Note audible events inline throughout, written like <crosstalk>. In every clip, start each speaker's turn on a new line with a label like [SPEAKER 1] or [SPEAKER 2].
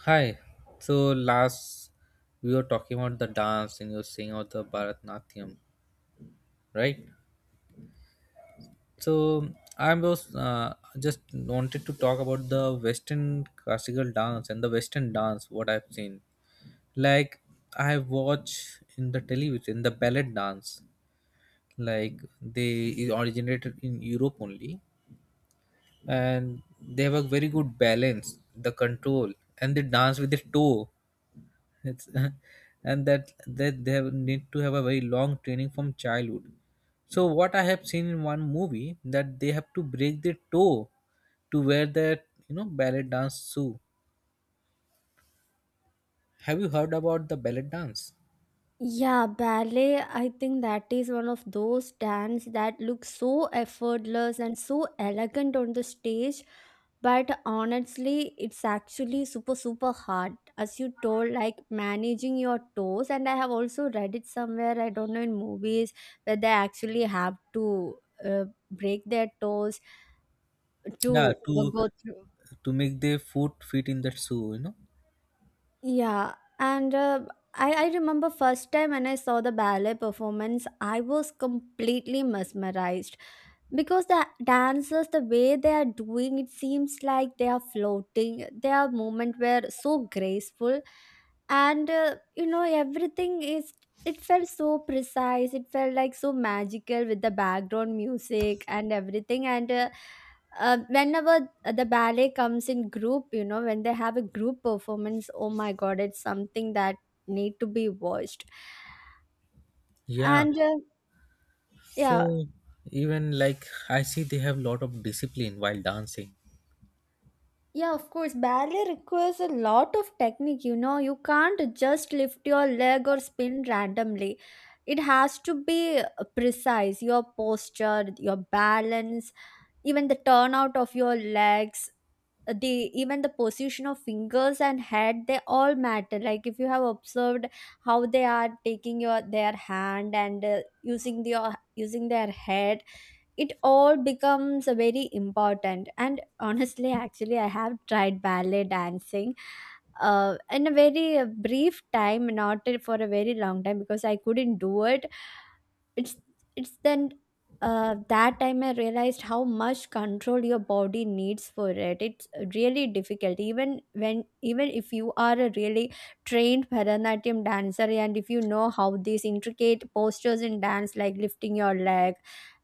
[SPEAKER 1] Hi. So last we were talking about the dance and you were saying about the Bharatnatyam, right? So I was just wanted to talk about the Western classical dance and the Western dance. What I've seen, like, I watch in the television the ballet dance, like they originated in Europe only, and they have a very good balance, the control, and they dance with the toe. It's <laughs> and that they have, need to have a very long training from childhood. So what I have seen in one movie that they have to break their toe to wear that ballet dance shoe. Have you heard about the ballet dance?
[SPEAKER 2] Yeah, ballet, I think that is one of those dance that looks so effortless and so elegant on the stage. But honestly, it's actually super, super hard. As you told, like managing your toes. And I have also read it somewhere, I don't know, in movies where they actually have to uh, break their toes
[SPEAKER 1] Yeah,
[SPEAKER 2] to go through.
[SPEAKER 1] to make their foot fit in that shoe. You know.
[SPEAKER 2] Yeah, and I remember first time when I saw the ballet performance, I was completely mesmerized because the dancers, the way they are doing, it seems like they are floating. Their movement were so graceful, and everything is. It felt so precise. It felt like so magical with the background music and everything, and. Whenever the ballet comes in group, when they have a group performance, oh my god, it's something that need to be watched.
[SPEAKER 1] Yeah.
[SPEAKER 2] And Yeah,
[SPEAKER 1] So even like I see they have lot of discipline while dancing.
[SPEAKER 2] yeah, of course ballet requires a lot of technique. You can't just lift your leg or spin randomly. It has to be precise, your posture, your balance, even the turnout of your legs, the even the position of fingers and head. They all matter. Like, if you have observed how they are taking your their hand and using the using their head, it all becomes very important. And honestly, actually, I have tried ballet dancing in a very brief time, not for a very long time, because I couldn't do it. It's it's then uh, that time I realized how much control your body needs for it. It's really difficult, even when even if you are a really trained Bharatanatyam dancer and if you know how these intricate postures in dance, like lifting your leg,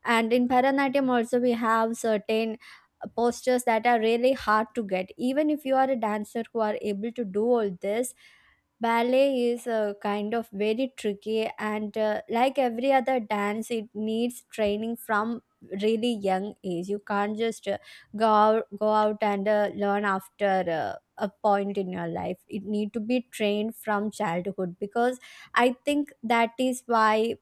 [SPEAKER 2] and in Bharatanatyam also we have certain postures that are really hard to get. Even if you are a dancer who are able to do all this, ballet is a kind of very tricky, and like every other dance, it needs training from really young age. You can't just go out and learn after a point in your life. It need to be trained from childhood, because I think that is why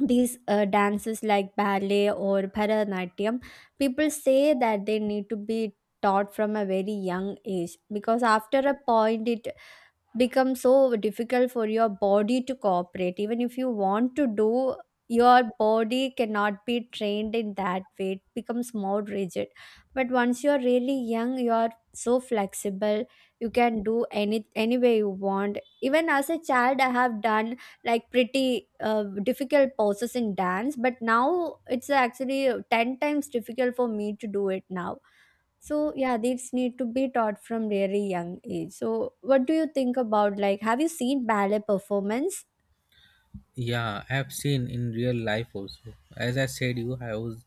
[SPEAKER 2] these dances like ballet or Bharatanatyam, people say that they need to be taught from a very young age, because after a point it become so difficult for your body to cooperate. Even if you want to do, your body cannot be trained in that way. It becomes more rigid. But once you're really young, you are so flexible. You can do any way you want. Even as a child, I have done like pretty difficult poses in dance, but now it's actually 10 times difficult for me to do it now. So yeah, these need to be taught from very young age. So what do you think about, like, have you seen ballet performance?
[SPEAKER 1] Yeah, I have seen in real life also. As I said, you I was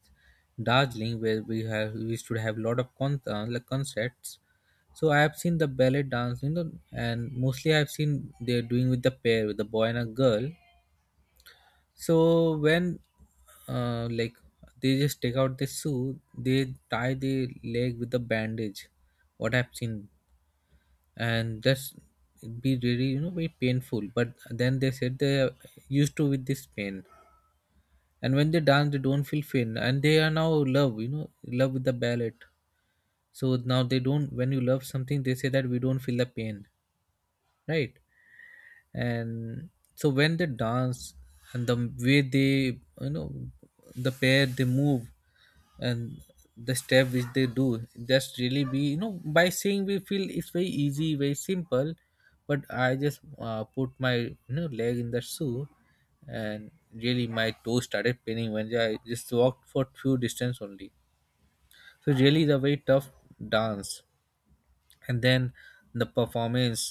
[SPEAKER 1] Darjeeling where we have we should have lot of like concerts. So I have seen the ballet dance, you know, and mostly I have seen they're doing with the pair, with the boy and a girl. So when like they just take out the shoe, they tie the leg with the bandage. What I've seen, and that's be really, you know, very painful. But then they said they are used to with this pain, and when they dance they don't feel pain and they are now love, you know, love with the ballet. So now they don't, when you love something they say that we don't feel the pain, right? And so when they dance, and the way they, you know, the pair they move, and the step which they do, just really be, you know, by seeing we feel it's very easy, very simple. But I just put my, you know, leg in the shoe, and really my toe started paining when I just walked for few distance only. So really the very tough dance, and then the performance,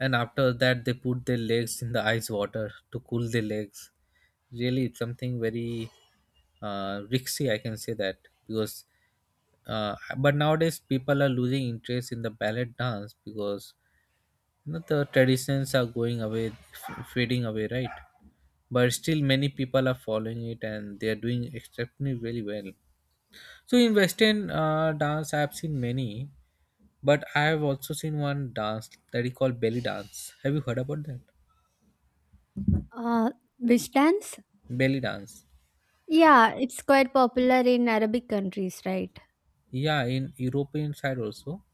[SPEAKER 1] and after that they put their legs in the ice water to cool their legs. Really it's something very risky, I can say that because but nowadays people are losing interest in the ballet dance because, you know, the traditions are going away, fading away, right? But still many people are following it and they are doing exceptionally very well. So in Western dance I have seen many, but I have also seen one dance that is called belly dance. Have you heard about that?
[SPEAKER 2] Uh, which dance?
[SPEAKER 1] Belly dance.
[SPEAKER 2] Yeah, it's quite popular in Arabic countries, right?
[SPEAKER 1] Yeah, in European side also.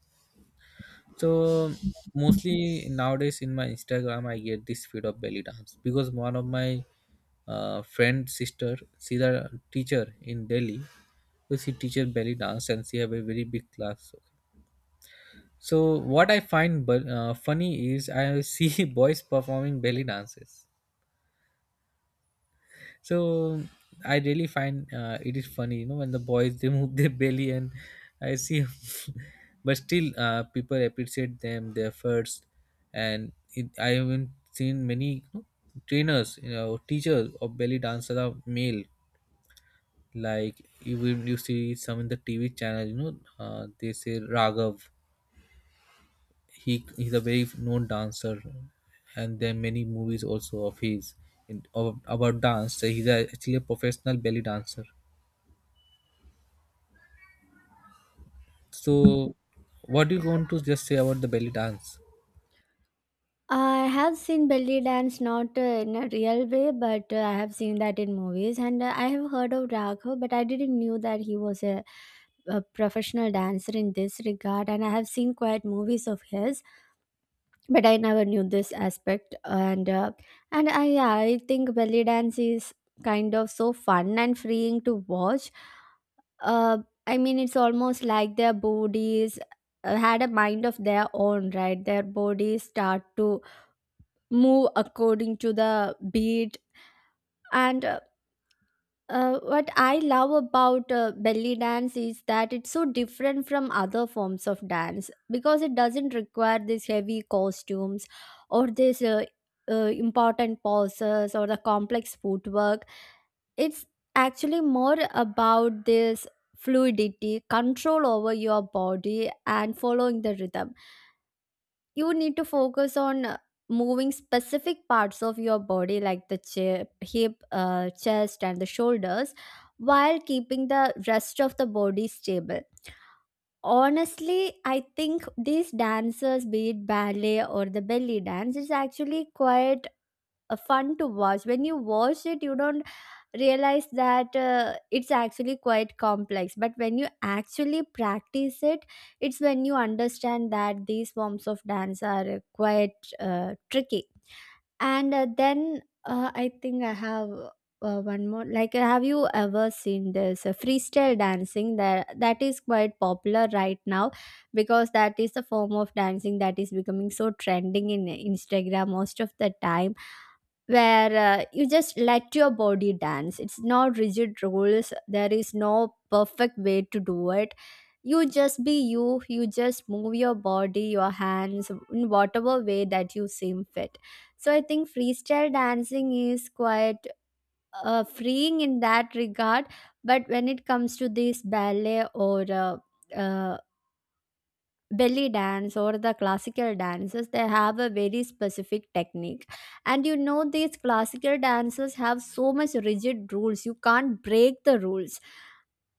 [SPEAKER 1] So mostly nowadays in my Instagram, I get this feed of belly dance because one of my friend sister, she's a teacher in Delhi. So she teaches belly dance and she have a very big class. So what I find but funny is I see <laughs> boys performing belly dances. So I really find it is funny, you know, when the boys they move their belly, and I see, <laughs> but still people appreciate them their efforts, and it, I haven't seen many, you know, trainers, you know, teachers of belly dancers are male. Like you will you see some in the TV channel, you know, they say Raghav. He's a very known dancer, and there are many movies also of his in, of, about dance. So he's a, actually a professional belly dancer. So what do you want to just say about the belly dance?
[SPEAKER 2] I have seen belly dance, not in a real way, but I have seen that in movies, and I have heard of Raghav, but I didn't knew that he was a professional dancer in this regard, and I have seen quite movies of his. But I never knew this aspect. And I Yeah, I think belly dance is kind of so fun and freeing to watch. uh, I mean, it's almost like their bodies had a mind of their own, right? Their bodies start to move according to the beat. And What I love about belly dance is that it's so different from other forms of dance, because it doesn't require these heavy costumes or this important poses or the complex footwork. It's actually more about this fluidity, control over your body, and following the rhythm. You need to focus on moving specific parts of your body like the hip, chest and the shoulders, while keeping the rest of the body stable. Honestly, I think these dancers, be it ballet or the belly dance, is actually quite fun to watch. When you watch it, you don't realize that it's actually quite complex, but when you actually practice it, it's when you understand that these forms of dance are quite tricky. And then I think I have one more, like, have you ever seen this freestyle dancing that is quite popular right now? Because that is the form of dancing that is becoming so trending in Instagram most of the time, where you just let your body dance. It's no rigid rules, there is no perfect way to do it. You just be you, you just move your body, your hands in whatever way that you seem fit. So I think freestyle dancing is quite freeing in that regard. But when it comes to this ballet or uh, belly dance or the classical dances, they have a very specific technique. And these classical dances have so much rigid rules, you can't break the rules.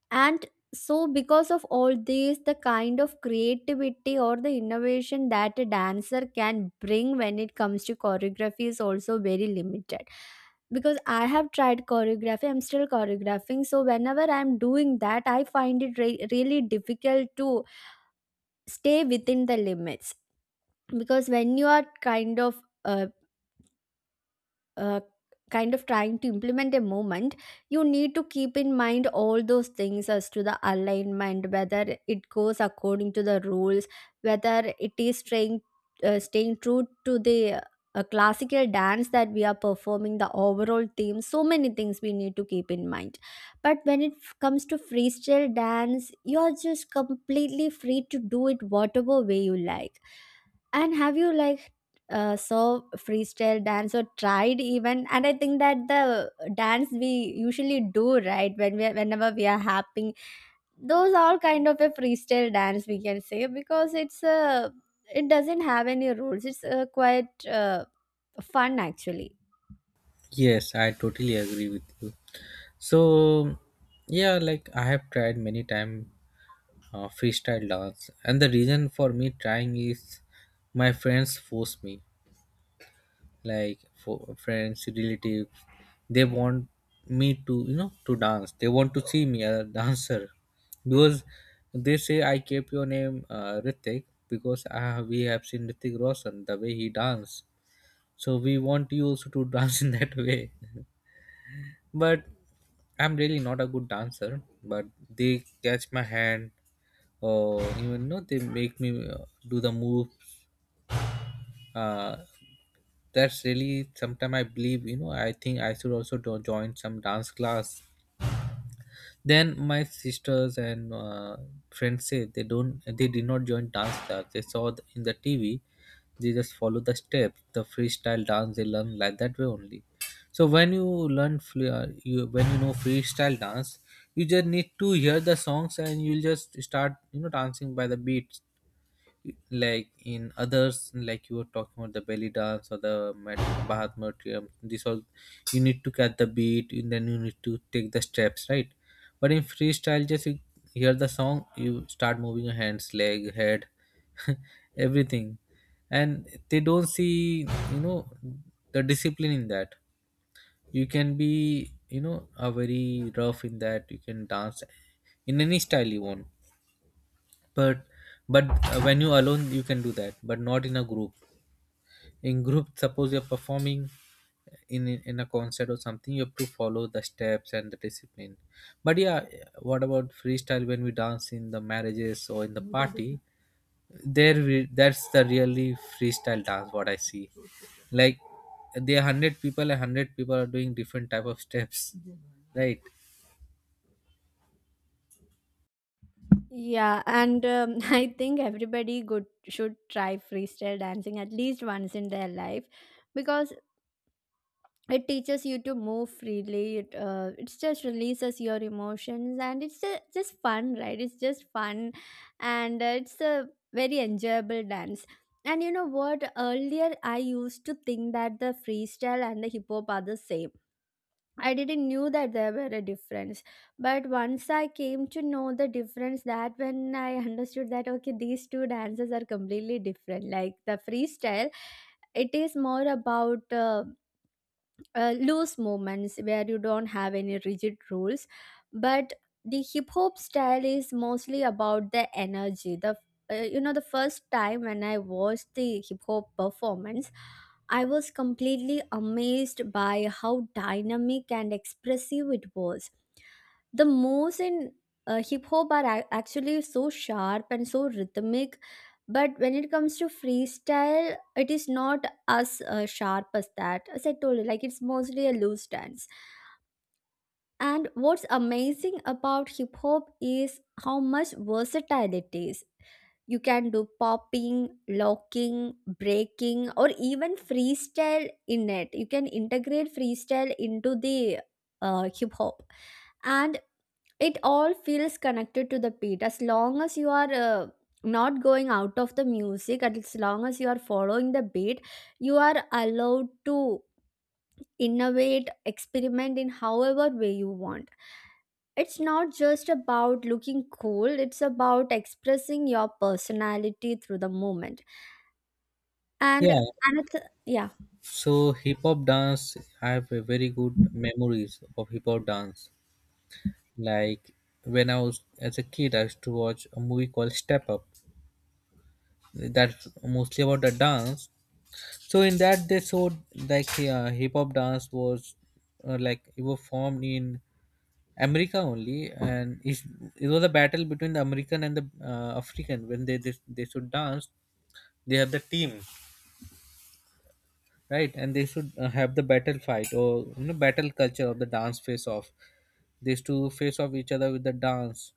[SPEAKER 2] And so, because of all this, the kind of creativity or the innovation that a dancer can bring when it comes to choreography is also very limited, because I have tried choreography, I'm still choreographing. So whenever I'm doing that, I find it really difficult to stay within the limits, because when you are uh, kind of trying to implement a movement, you need to keep in mind all those things as to the alignment, whether it goes according to the rules, whether it is staying true to the classical dance that we are performing, the overall theme, so many things we need to keep in mind. But when comes to freestyle dance, you're just completely free to do it whatever way you like. And have you, like, saw freestyle dance or tried even? And I think that the dance we usually do right when we are, whenever we are happy, those all kind of a freestyle dance, we can say, because it doesn't have any rules. It's quite fun, actually.
[SPEAKER 1] Yes, I totally agree with you. So, yeah, like I have tried many time freestyle dance, and the reason for me trying is my friends force me. Like for friends, relatives, they want me to, you know, to dance. They want to see me as a dancer because they say I kept your name Ritik because we have seen Ritik Roshan the way he danced, so we want you also to <laughs> dance in that way. But I'm really not a good dancer, but they catch my hand or even know they make me do the move. uh, that's really sometime I believe, you know, I think I should also do, join some dance class. Then my sisters and friends say they don't, they did not join dance class, they saw in the TV, they just follow the step, the freestyle dance they learn like that way only. So when you learn you when you know freestyle dance, you just need to hear the songs and you'll just start, you know, dancing by the beat. Like in others, like you were talking about the belly dance or the bharat Natyam, this all you need to catch the beat and then you need to take the steps, right? But in freestyle just you hear the song, you start moving your hands, leg, head, <laughs> everything, and they don't see, you know, the discipline in that. You can be, you know, a very rough in that, you can dance in any style you want. But but when you alone you can do that, but not in a group. In group, suppose you're performing in a concert or something, you have to follow the steps and the discipline. But yeah, what about freestyle when we dance in the marriages or in the party? There we, that's the really freestyle dance what I see. Like there are 100 people and 100 people are doing different type of steps, right?
[SPEAKER 2] Yeah, and <laughs> I think everybody good should try freestyle dancing at least once in their life, because it teaches you to move freely. It just releases your emotions, and it's just fun, right? It's just fun. And it's a very enjoyable dance. And you know what, earlier I used to think that the freestyle and the hip hop are the same. I didn't knew that there were a difference. But once I came to know the difference, that when I understood that, okay, these two dances are completely different. Like, the freestyle, it is more about loose movements where you don't have any rigid rules. But the hip hop style is mostly about the energy, the you know the first time when I watched the hip hop performance, I was completely amazed by how dynamic and expressive it was. The moves in hip hop are actually so sharp and so rhythmic. But when it comes to freestyle, it is not as sharp as that. As I told you, like, it's mostly a loose dance. And what's amazing about hip hop is how much versatile it is. You can do popping, locking, breaking, or even freestyle in it. You can integrate freestyle into the hip hop, and it all feels connected to the beat, as long as you are not going out of the music, and as long as you are following the beat, you are allowed to innovate, experiment in however way you want. It's not just about looking cool, it's about expressing your personality through the moment. and
[SPEAKER 1] Yeah.
[SPEAKER 2] and it's. Yeah.
[SPEAKER 1] So hip hop dance, I have a very good memories of hip hop dance. Like when I was as a kid, I used to watch a movie called Step Up. That's mostly about the dance. So in that they showed like, hip hop dance was like it was formed in America only, and it was a battle between the American and the African. When they, they should dance, they have the team, right? And they should have the battle fight or, you know, battle culture of the dance face off. They used to face off each other with the dance,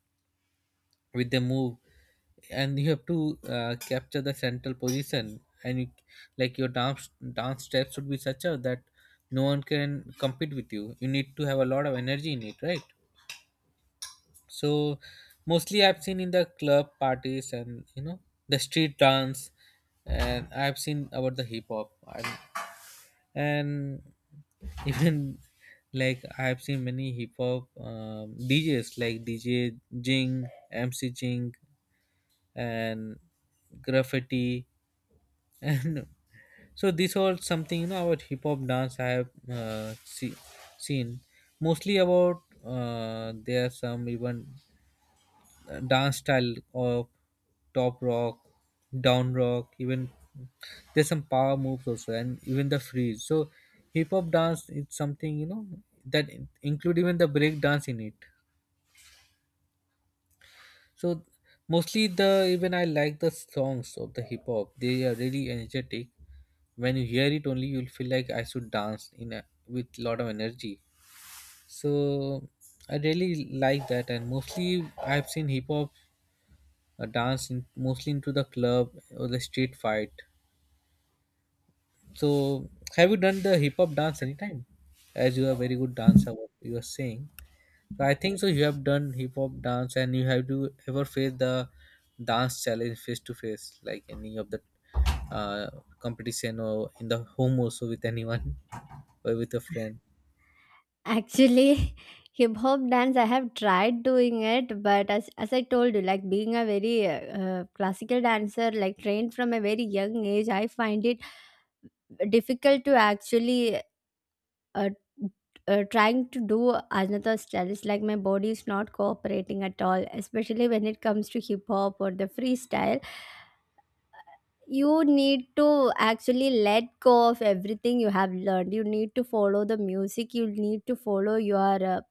[SPEAKER 1] with the move, and you have to capture the central position, and you, like your dance steps should be such a that no one can compete with you. You need to have a lot of energy in it, right? So mostly I've seen in the club parties and, you know, the street dance, and I've seen about the hip hop and <laughs> even like I've seen many hip hop DJs, like DJ Jing, MC Jing, and graffiti. <laughs> And so this all something, you know, about hip hop dance I have seen, mostly about there are some even dance style of top rock, down rock, even there's some power moves also, and even the freeze. So hip hop dance is something, you know, that include even the break dance in it. So mostly the even I like the songs of the hip hop. They are really energetic. When you hear it only, you'll feel like I should dance in a, with lot of energy. So I really like that, and mostly I've seen hip hop dance in, mostly into the club or the street fight. So have you done the hip hop dance anytime? As you are a very good dancer, what you are saying. So I think so. You have done hip hop dance, and you have to ever face the dance challenge face to face, like any of the uh, competition or in the home also with anyone <laughs> or with a friend.
[SPEAKER 2] Actually, <laughs> hip hop dance, I have tried doing it, but as I told you, like, being a very classical dancer, like, trained from a very young age, I find it difficult to actually uh, trying to do another style. It's like my body is not cooperating at all, especially when it comes to hip hop or the freestyle. You need to actually let go of everything you have learned. You need to follow the music. You need to follow your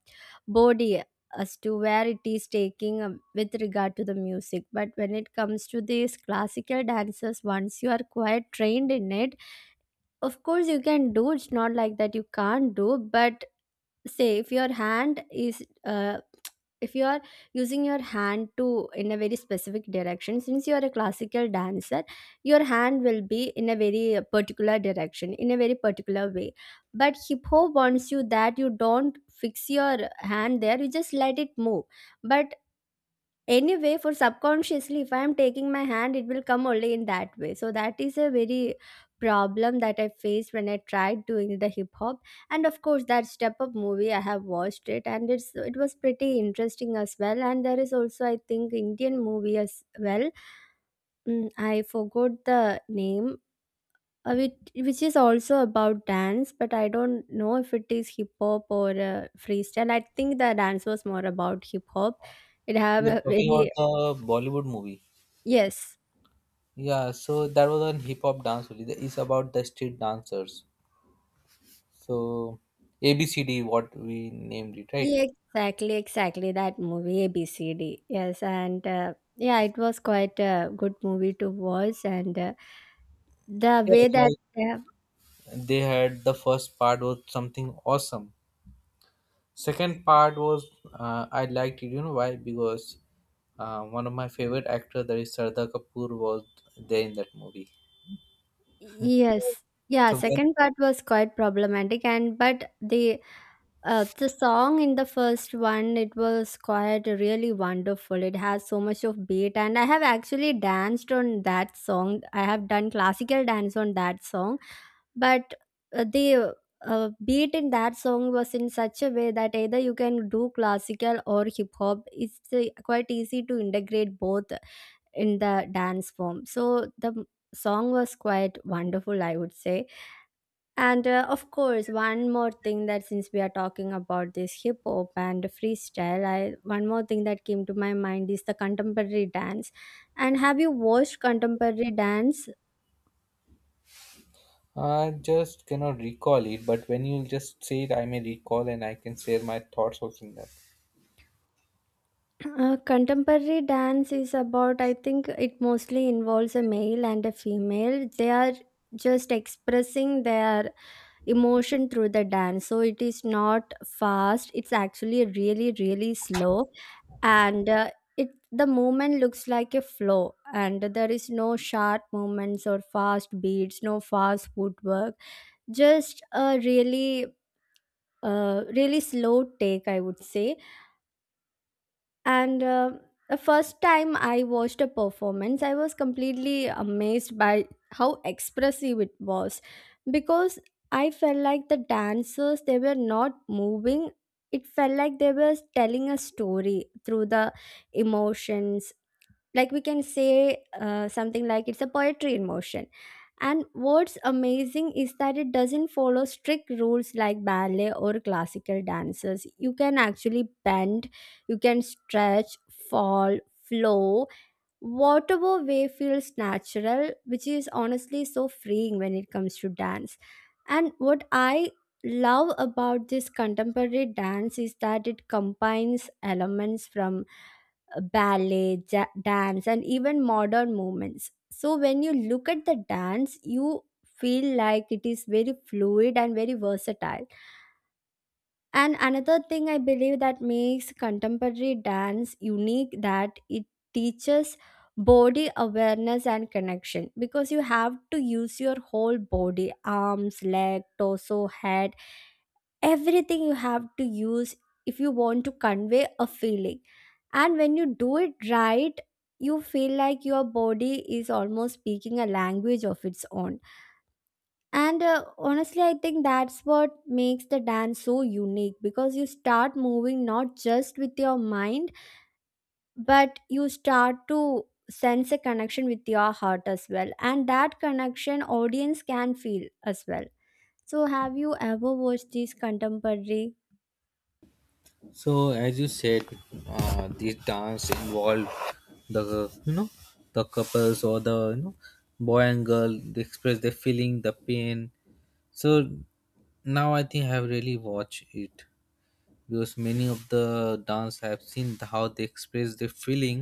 [SPEAKER 2] body as to where it is taking with regard to the music. But when it comes to these classical dances, once you are quite trained in it, of course you can do. It's not like that you can't do, but say if your hand is if you are using your hand to in a very specific direction since you are a classical dancer, your hand will be in a very particular direction in a very particular way, but hip hop wants you that you don't fix your hand there, you just let it move. But Anyway, for subconsciously, if I am taking my hand, it will come only in that way. So that is a very problem that I faced when I tried doing the hip hop. And of course, that Step Up movie, I have watched it, and it was pretty interesting as well. And there is also, I think, Indian movie as well. Mm, I forgot the name. Which is also about dance, but I don't know if it is hip hop or freestyle. I think the dance was more about hip hop. It have
[SPEAKER 1] You're
[SPEAKER 2] a
[SPEAKER 1] talking
[SPEAKER 2] very
[SPEAKER 1] about the Bollywood movie.
[SPEAKER 2] yes.
[SPEAKER 1] Yeah, so that was on hip hop dance only. That is about the street dancers. So ABCD, what we named it, right?
[SPEAKER 2] Yeah, exactly, exactly. That movie, ABCD. Yes, and yeah, it was quite a good movie to watch. And the way that,
[SPEAKER 1] Yeah,
[SPEAKER 2] they
[SPEAKER 1] like they had the first part was something awesome. Second part was I liked it. You know why? Because one of my favorite actor, that is Sardar Kapoor, was there in that movie.
[SPEAKER 2] yes, yeah,
[SPEAKER 1] So when
[SPEAKER 2] second part was quite problematic. And but the song in the first one, it was quite really wonderful. It has so much of beat, and I have actually danced on that song. I have done classical dance on that song, but the beat in that song was in such a way that either you can do classical or hip hop, it's quite easy to integrate both in the dance form. So the song was quite wonderful, I would say. And of course, one more thing, that since we are talking about this hip hop and freestyle, I, one more thing that came to my mind is the contemporary dance. And have you watched contemporary dance?
[SPEAKER 1] I just cannot recall it, but when you just say it, I may recall and I can share my thoughts also in that.
[SPEAKER 2] Contemporary dance is about, I think it mostly involves a male and a female. They are just expressing their emotion through the dance. So it is not fast, it's actually really, really slow. And it, the movement looks like a flow, and there is no sharp movements or fast beats, no fast footwork, just a really, really slow take, I would say. And the first time I watched a performance, I was completely amazed by how expressive it was, because I felt like the dancers, they were not moving. It felt like they were telling a story through the emotions. Like, we can say something like it's a poetry in motion. And what's amazing is that it doesn't follow strict rules like ballet or classical dances. You can actually bend, you can stretch, fall, flow, whatever way feels natural, which is honestly so freeing when it comes to dance. And what I love about this contemporary dance is that it combines elements from ballet, dance, and even modern movements. So when you look at the dance, you feel like it is very fluid and very versatile. And another thing I believe that makes contemporary dance unique, that it teaches body awareness and connection, because you have to use your whole body, arms, leg, torso, head, everything you have to use if you want to convey a feeling. And when you do it right, you feel like your body is almost speaking a language of its own. And honestly, I think that's what makes the dance so unique, because you start moving not just with your mind, but you start to sense a connection with your heart as well. And that connection audience can feel as well. So have you ever watched these contemporary?
[SPEAKER 1] So as you said, this dance involved the, you know, the couples or the, you know, boy and girl, they express their feeling, the pain. So now I think I have really watched it. Because many of the dance I have seen how they express their feeling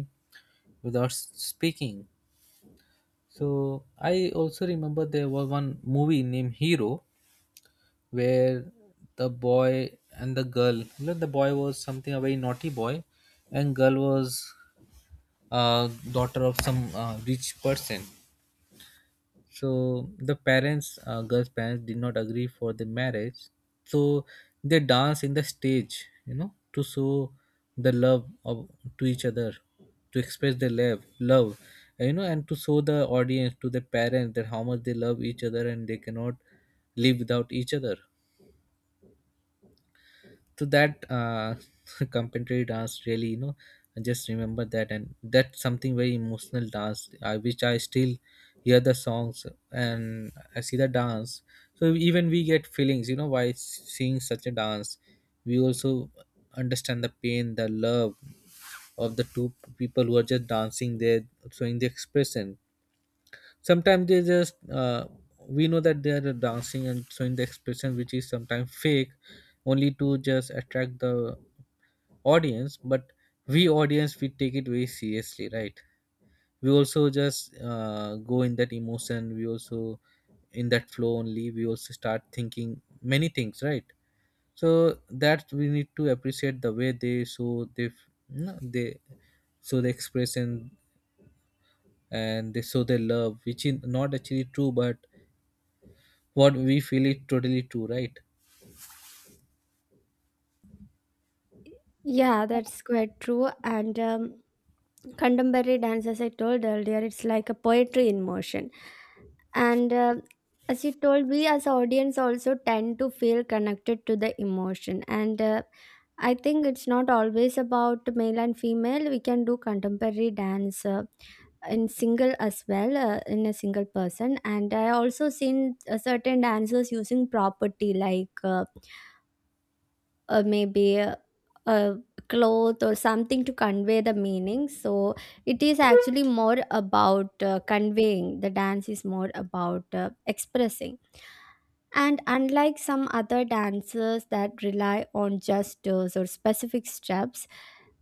[SPEAKER 1] without speaking. So I also remember there was one movie named Hero where the boy and the girl, well, the boy was something a very naughty boy, and girl was daughter of some rich person. So the parents girl's parents did not agree for the marriage, so they dance in the stage, you know, to show the love of, to each other, to express their love and, and to show the audience, to the parents, that how much they love each other and they cannot live without each other. So that <laughs> contemporary dance really, you know, I just remember that, and that's something very emotional dance, I which I still hear the songs and I see the dance. So even we get feelings, you know, while seeing such a dance, we also understand the pain, the love of the two people who are just dancing there, showing the expression. Sometimes they just we know that they are dancing and showing the expression, which is sometimes fake, only to just attract the audience. But we audience, we take it very seriously, right? We also just go in that emotion, we also, in that flow only, we also start thinking many things, right? So that we need to appreciate the way they show, they, no, they show the expression, and they show their love, which is not actually true, but what we feel is totally true, right?
[SPEAKER 2] Yeah, that's quite true. And contemporary dance, as I told earlier, it's like a poetry in motion. And as you told, we as audience also tend to feel connected to the emotion. And I think it's not always about male and female, we can do contemporary dance in a single person. And I also seen certain dancers using property like maybe a cloth or something to convey the meaning. So it is actually more about conveying, the dance is more about expressing. And unlike some other dances that rely on gestures or specific steps,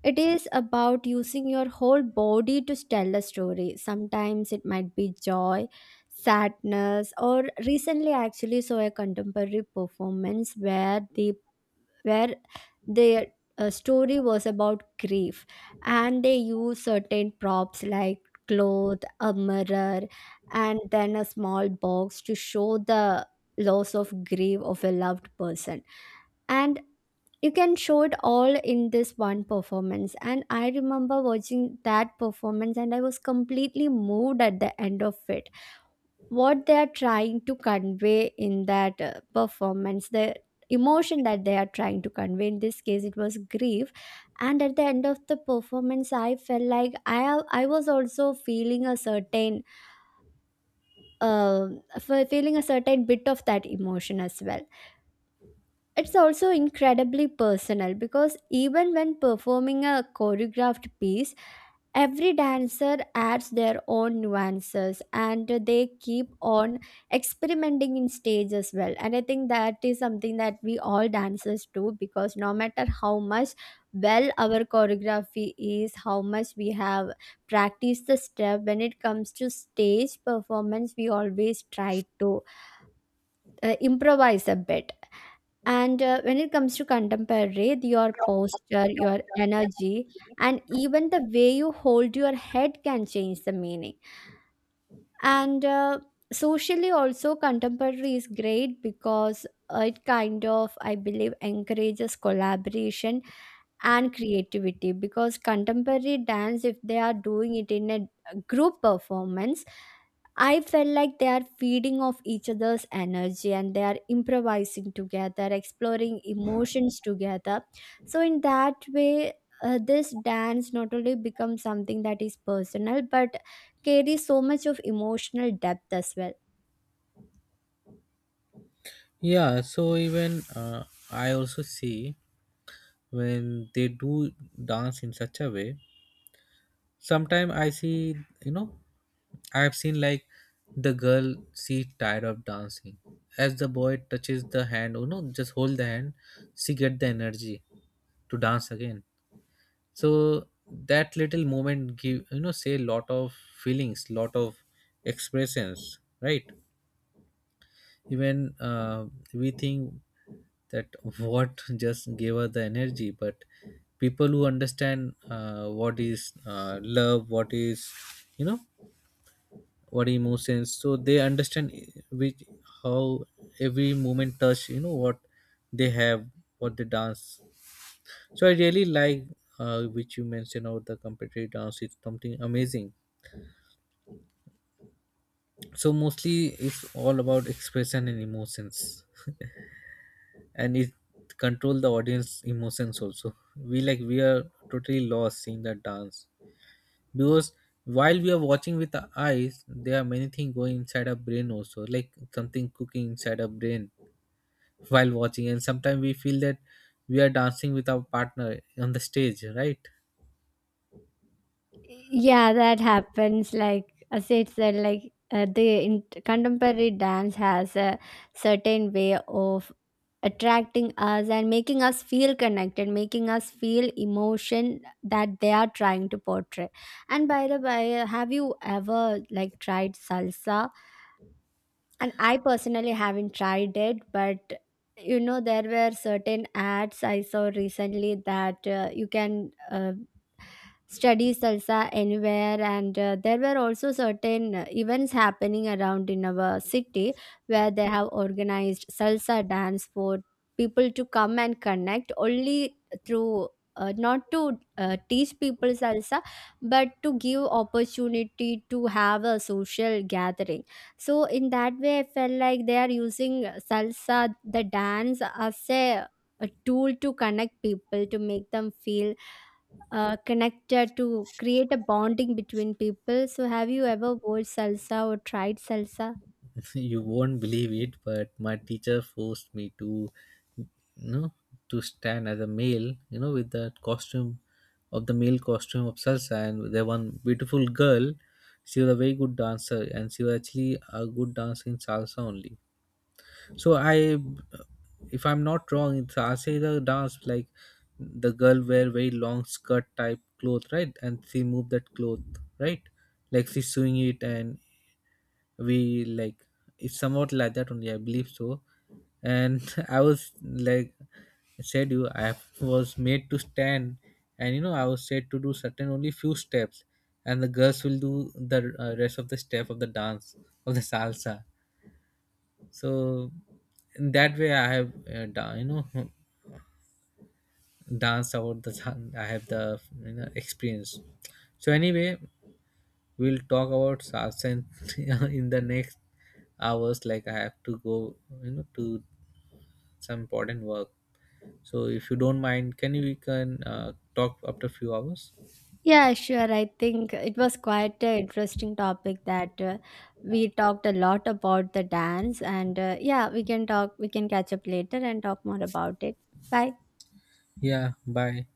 [SPEAKER 2] it is about using your whole body to tell a story. Sometimes it might be joy, sadness, or recently I actually saw a contemporary performance where where their story was about grief, and they use certain props like cloth, a mirror, and then a small box to show the loss of grief of a loved person. And you can show it all in this one performance. And I remember watching that performance, and I was completely moved at the end of it. What they are trying to convey in that performance, the emotion that they are trying to convey, in this case it was grief. And at the end of the performance, I felt like I was also feeling a certain uh, feeling a certain bit of that emotion as well. It's also incredibly personal, because even when performing a choreographed piece, every dancer adds their own nuances, and they keep on experimenting in stage as well. And I think that is something that we all dancers do, because no matter how much well our choreography is, how much we have practiced the step, when it comes to stage performance, we always try to improvise a bit. And when it comes to contemporary, your posture, your energy, and even the way you hold your head can change the meaning. And socially also contemporary is great because it kind of, I believe, encourages collaboration and creativity, because contemporary dance, if they are doing it in a group performance, I felt like they are feeding off each other's energy, and they are improvising together, exploring emotions together. So in that way, this dance not only becomes something that is personal, but carry so much of emotional depth as well.
[SPEAKER 1] Yeah, so even I also see when they do dance in such a way. Sometimes I see, you know, I have seen like the girl, she tired of dancing. As the boy touches the hand, you know, just hold the hand, she get the energy to dance again. So that little moment give, you know, say lot of feelings, lot of expressions, right? Even we think that what <laughs> just gave her the energy, but people who understand what is love, what is, you know, what emotions, so they understand which, how every movement touch, you know, what they have, what they dance. So I really like which you mentioned about the competitive dance, it's something amazing. So mostly it's all about expression and emotions, and it control the audience emotions also. We like, we are totally lost seeing the dance, because while we are watching with the eyes, there are many things going inside our brain also, like something cooking inside our brain while watching, and sometimes we feel that we are dancing with our partner on the stage, right?
[SPEAKER 2] Yeah, that happens. Like, as it said, like contemporary dance has a certain way of attracting us and making us feel connected, making us feel emotion that they are trying to portray. And by the way, have you ever like tried salsa? And I personally haven't tried it, but you know, there were certain ads I saw recently that you can study salsa anywhere. And there were also certain events happening around in our city where they have organized salsa dance for people to come and connect only through not to teach people salsa, but to give opportunity to have a social gathering. So in that way, I felt like they are using salsa, the dance, as a tool to connect people, to make them feel connected, to create a bonding between people. So have you ever watched salsa or tried salsa?
[SPEAKER 1] <laughs> You won't believe it, but my teacher forced me to, you know, to stand as a male, you know, with the costume, of the male costume of salsa. And there one beautiful girl, she was a very good dancer, and she was actually a good dancer in salsa only. So I, if I'm not wrong, it's Asera dance, like the girl wear very long skirt type cloth, right? And she move that cloth, right? Like she's sewing it, and we like, it's somewhat like that only. I believe so. And <laughs> I was like, I said you, I was made to stand, and you know I was said to do certain only few steps, and the girls will do the rest of the step of the dance, of the salsa. So in that way I have you know, <laughs> danced about the I have the, you know, experience. So anyway, we'll talk about salsa in, <laughs> in the next hours. Like I have to go, you know, to some important work. So if you don't mind, can you, we can talk after few hours.
[SPEAKER 2] Yeah, sure. I think it was quite an interesting topic that we talked a lot about the dance. And yeah, we can talk, we can catch up later and talk more about it. Bye.
[SPEAKER 1] Yeah, bye.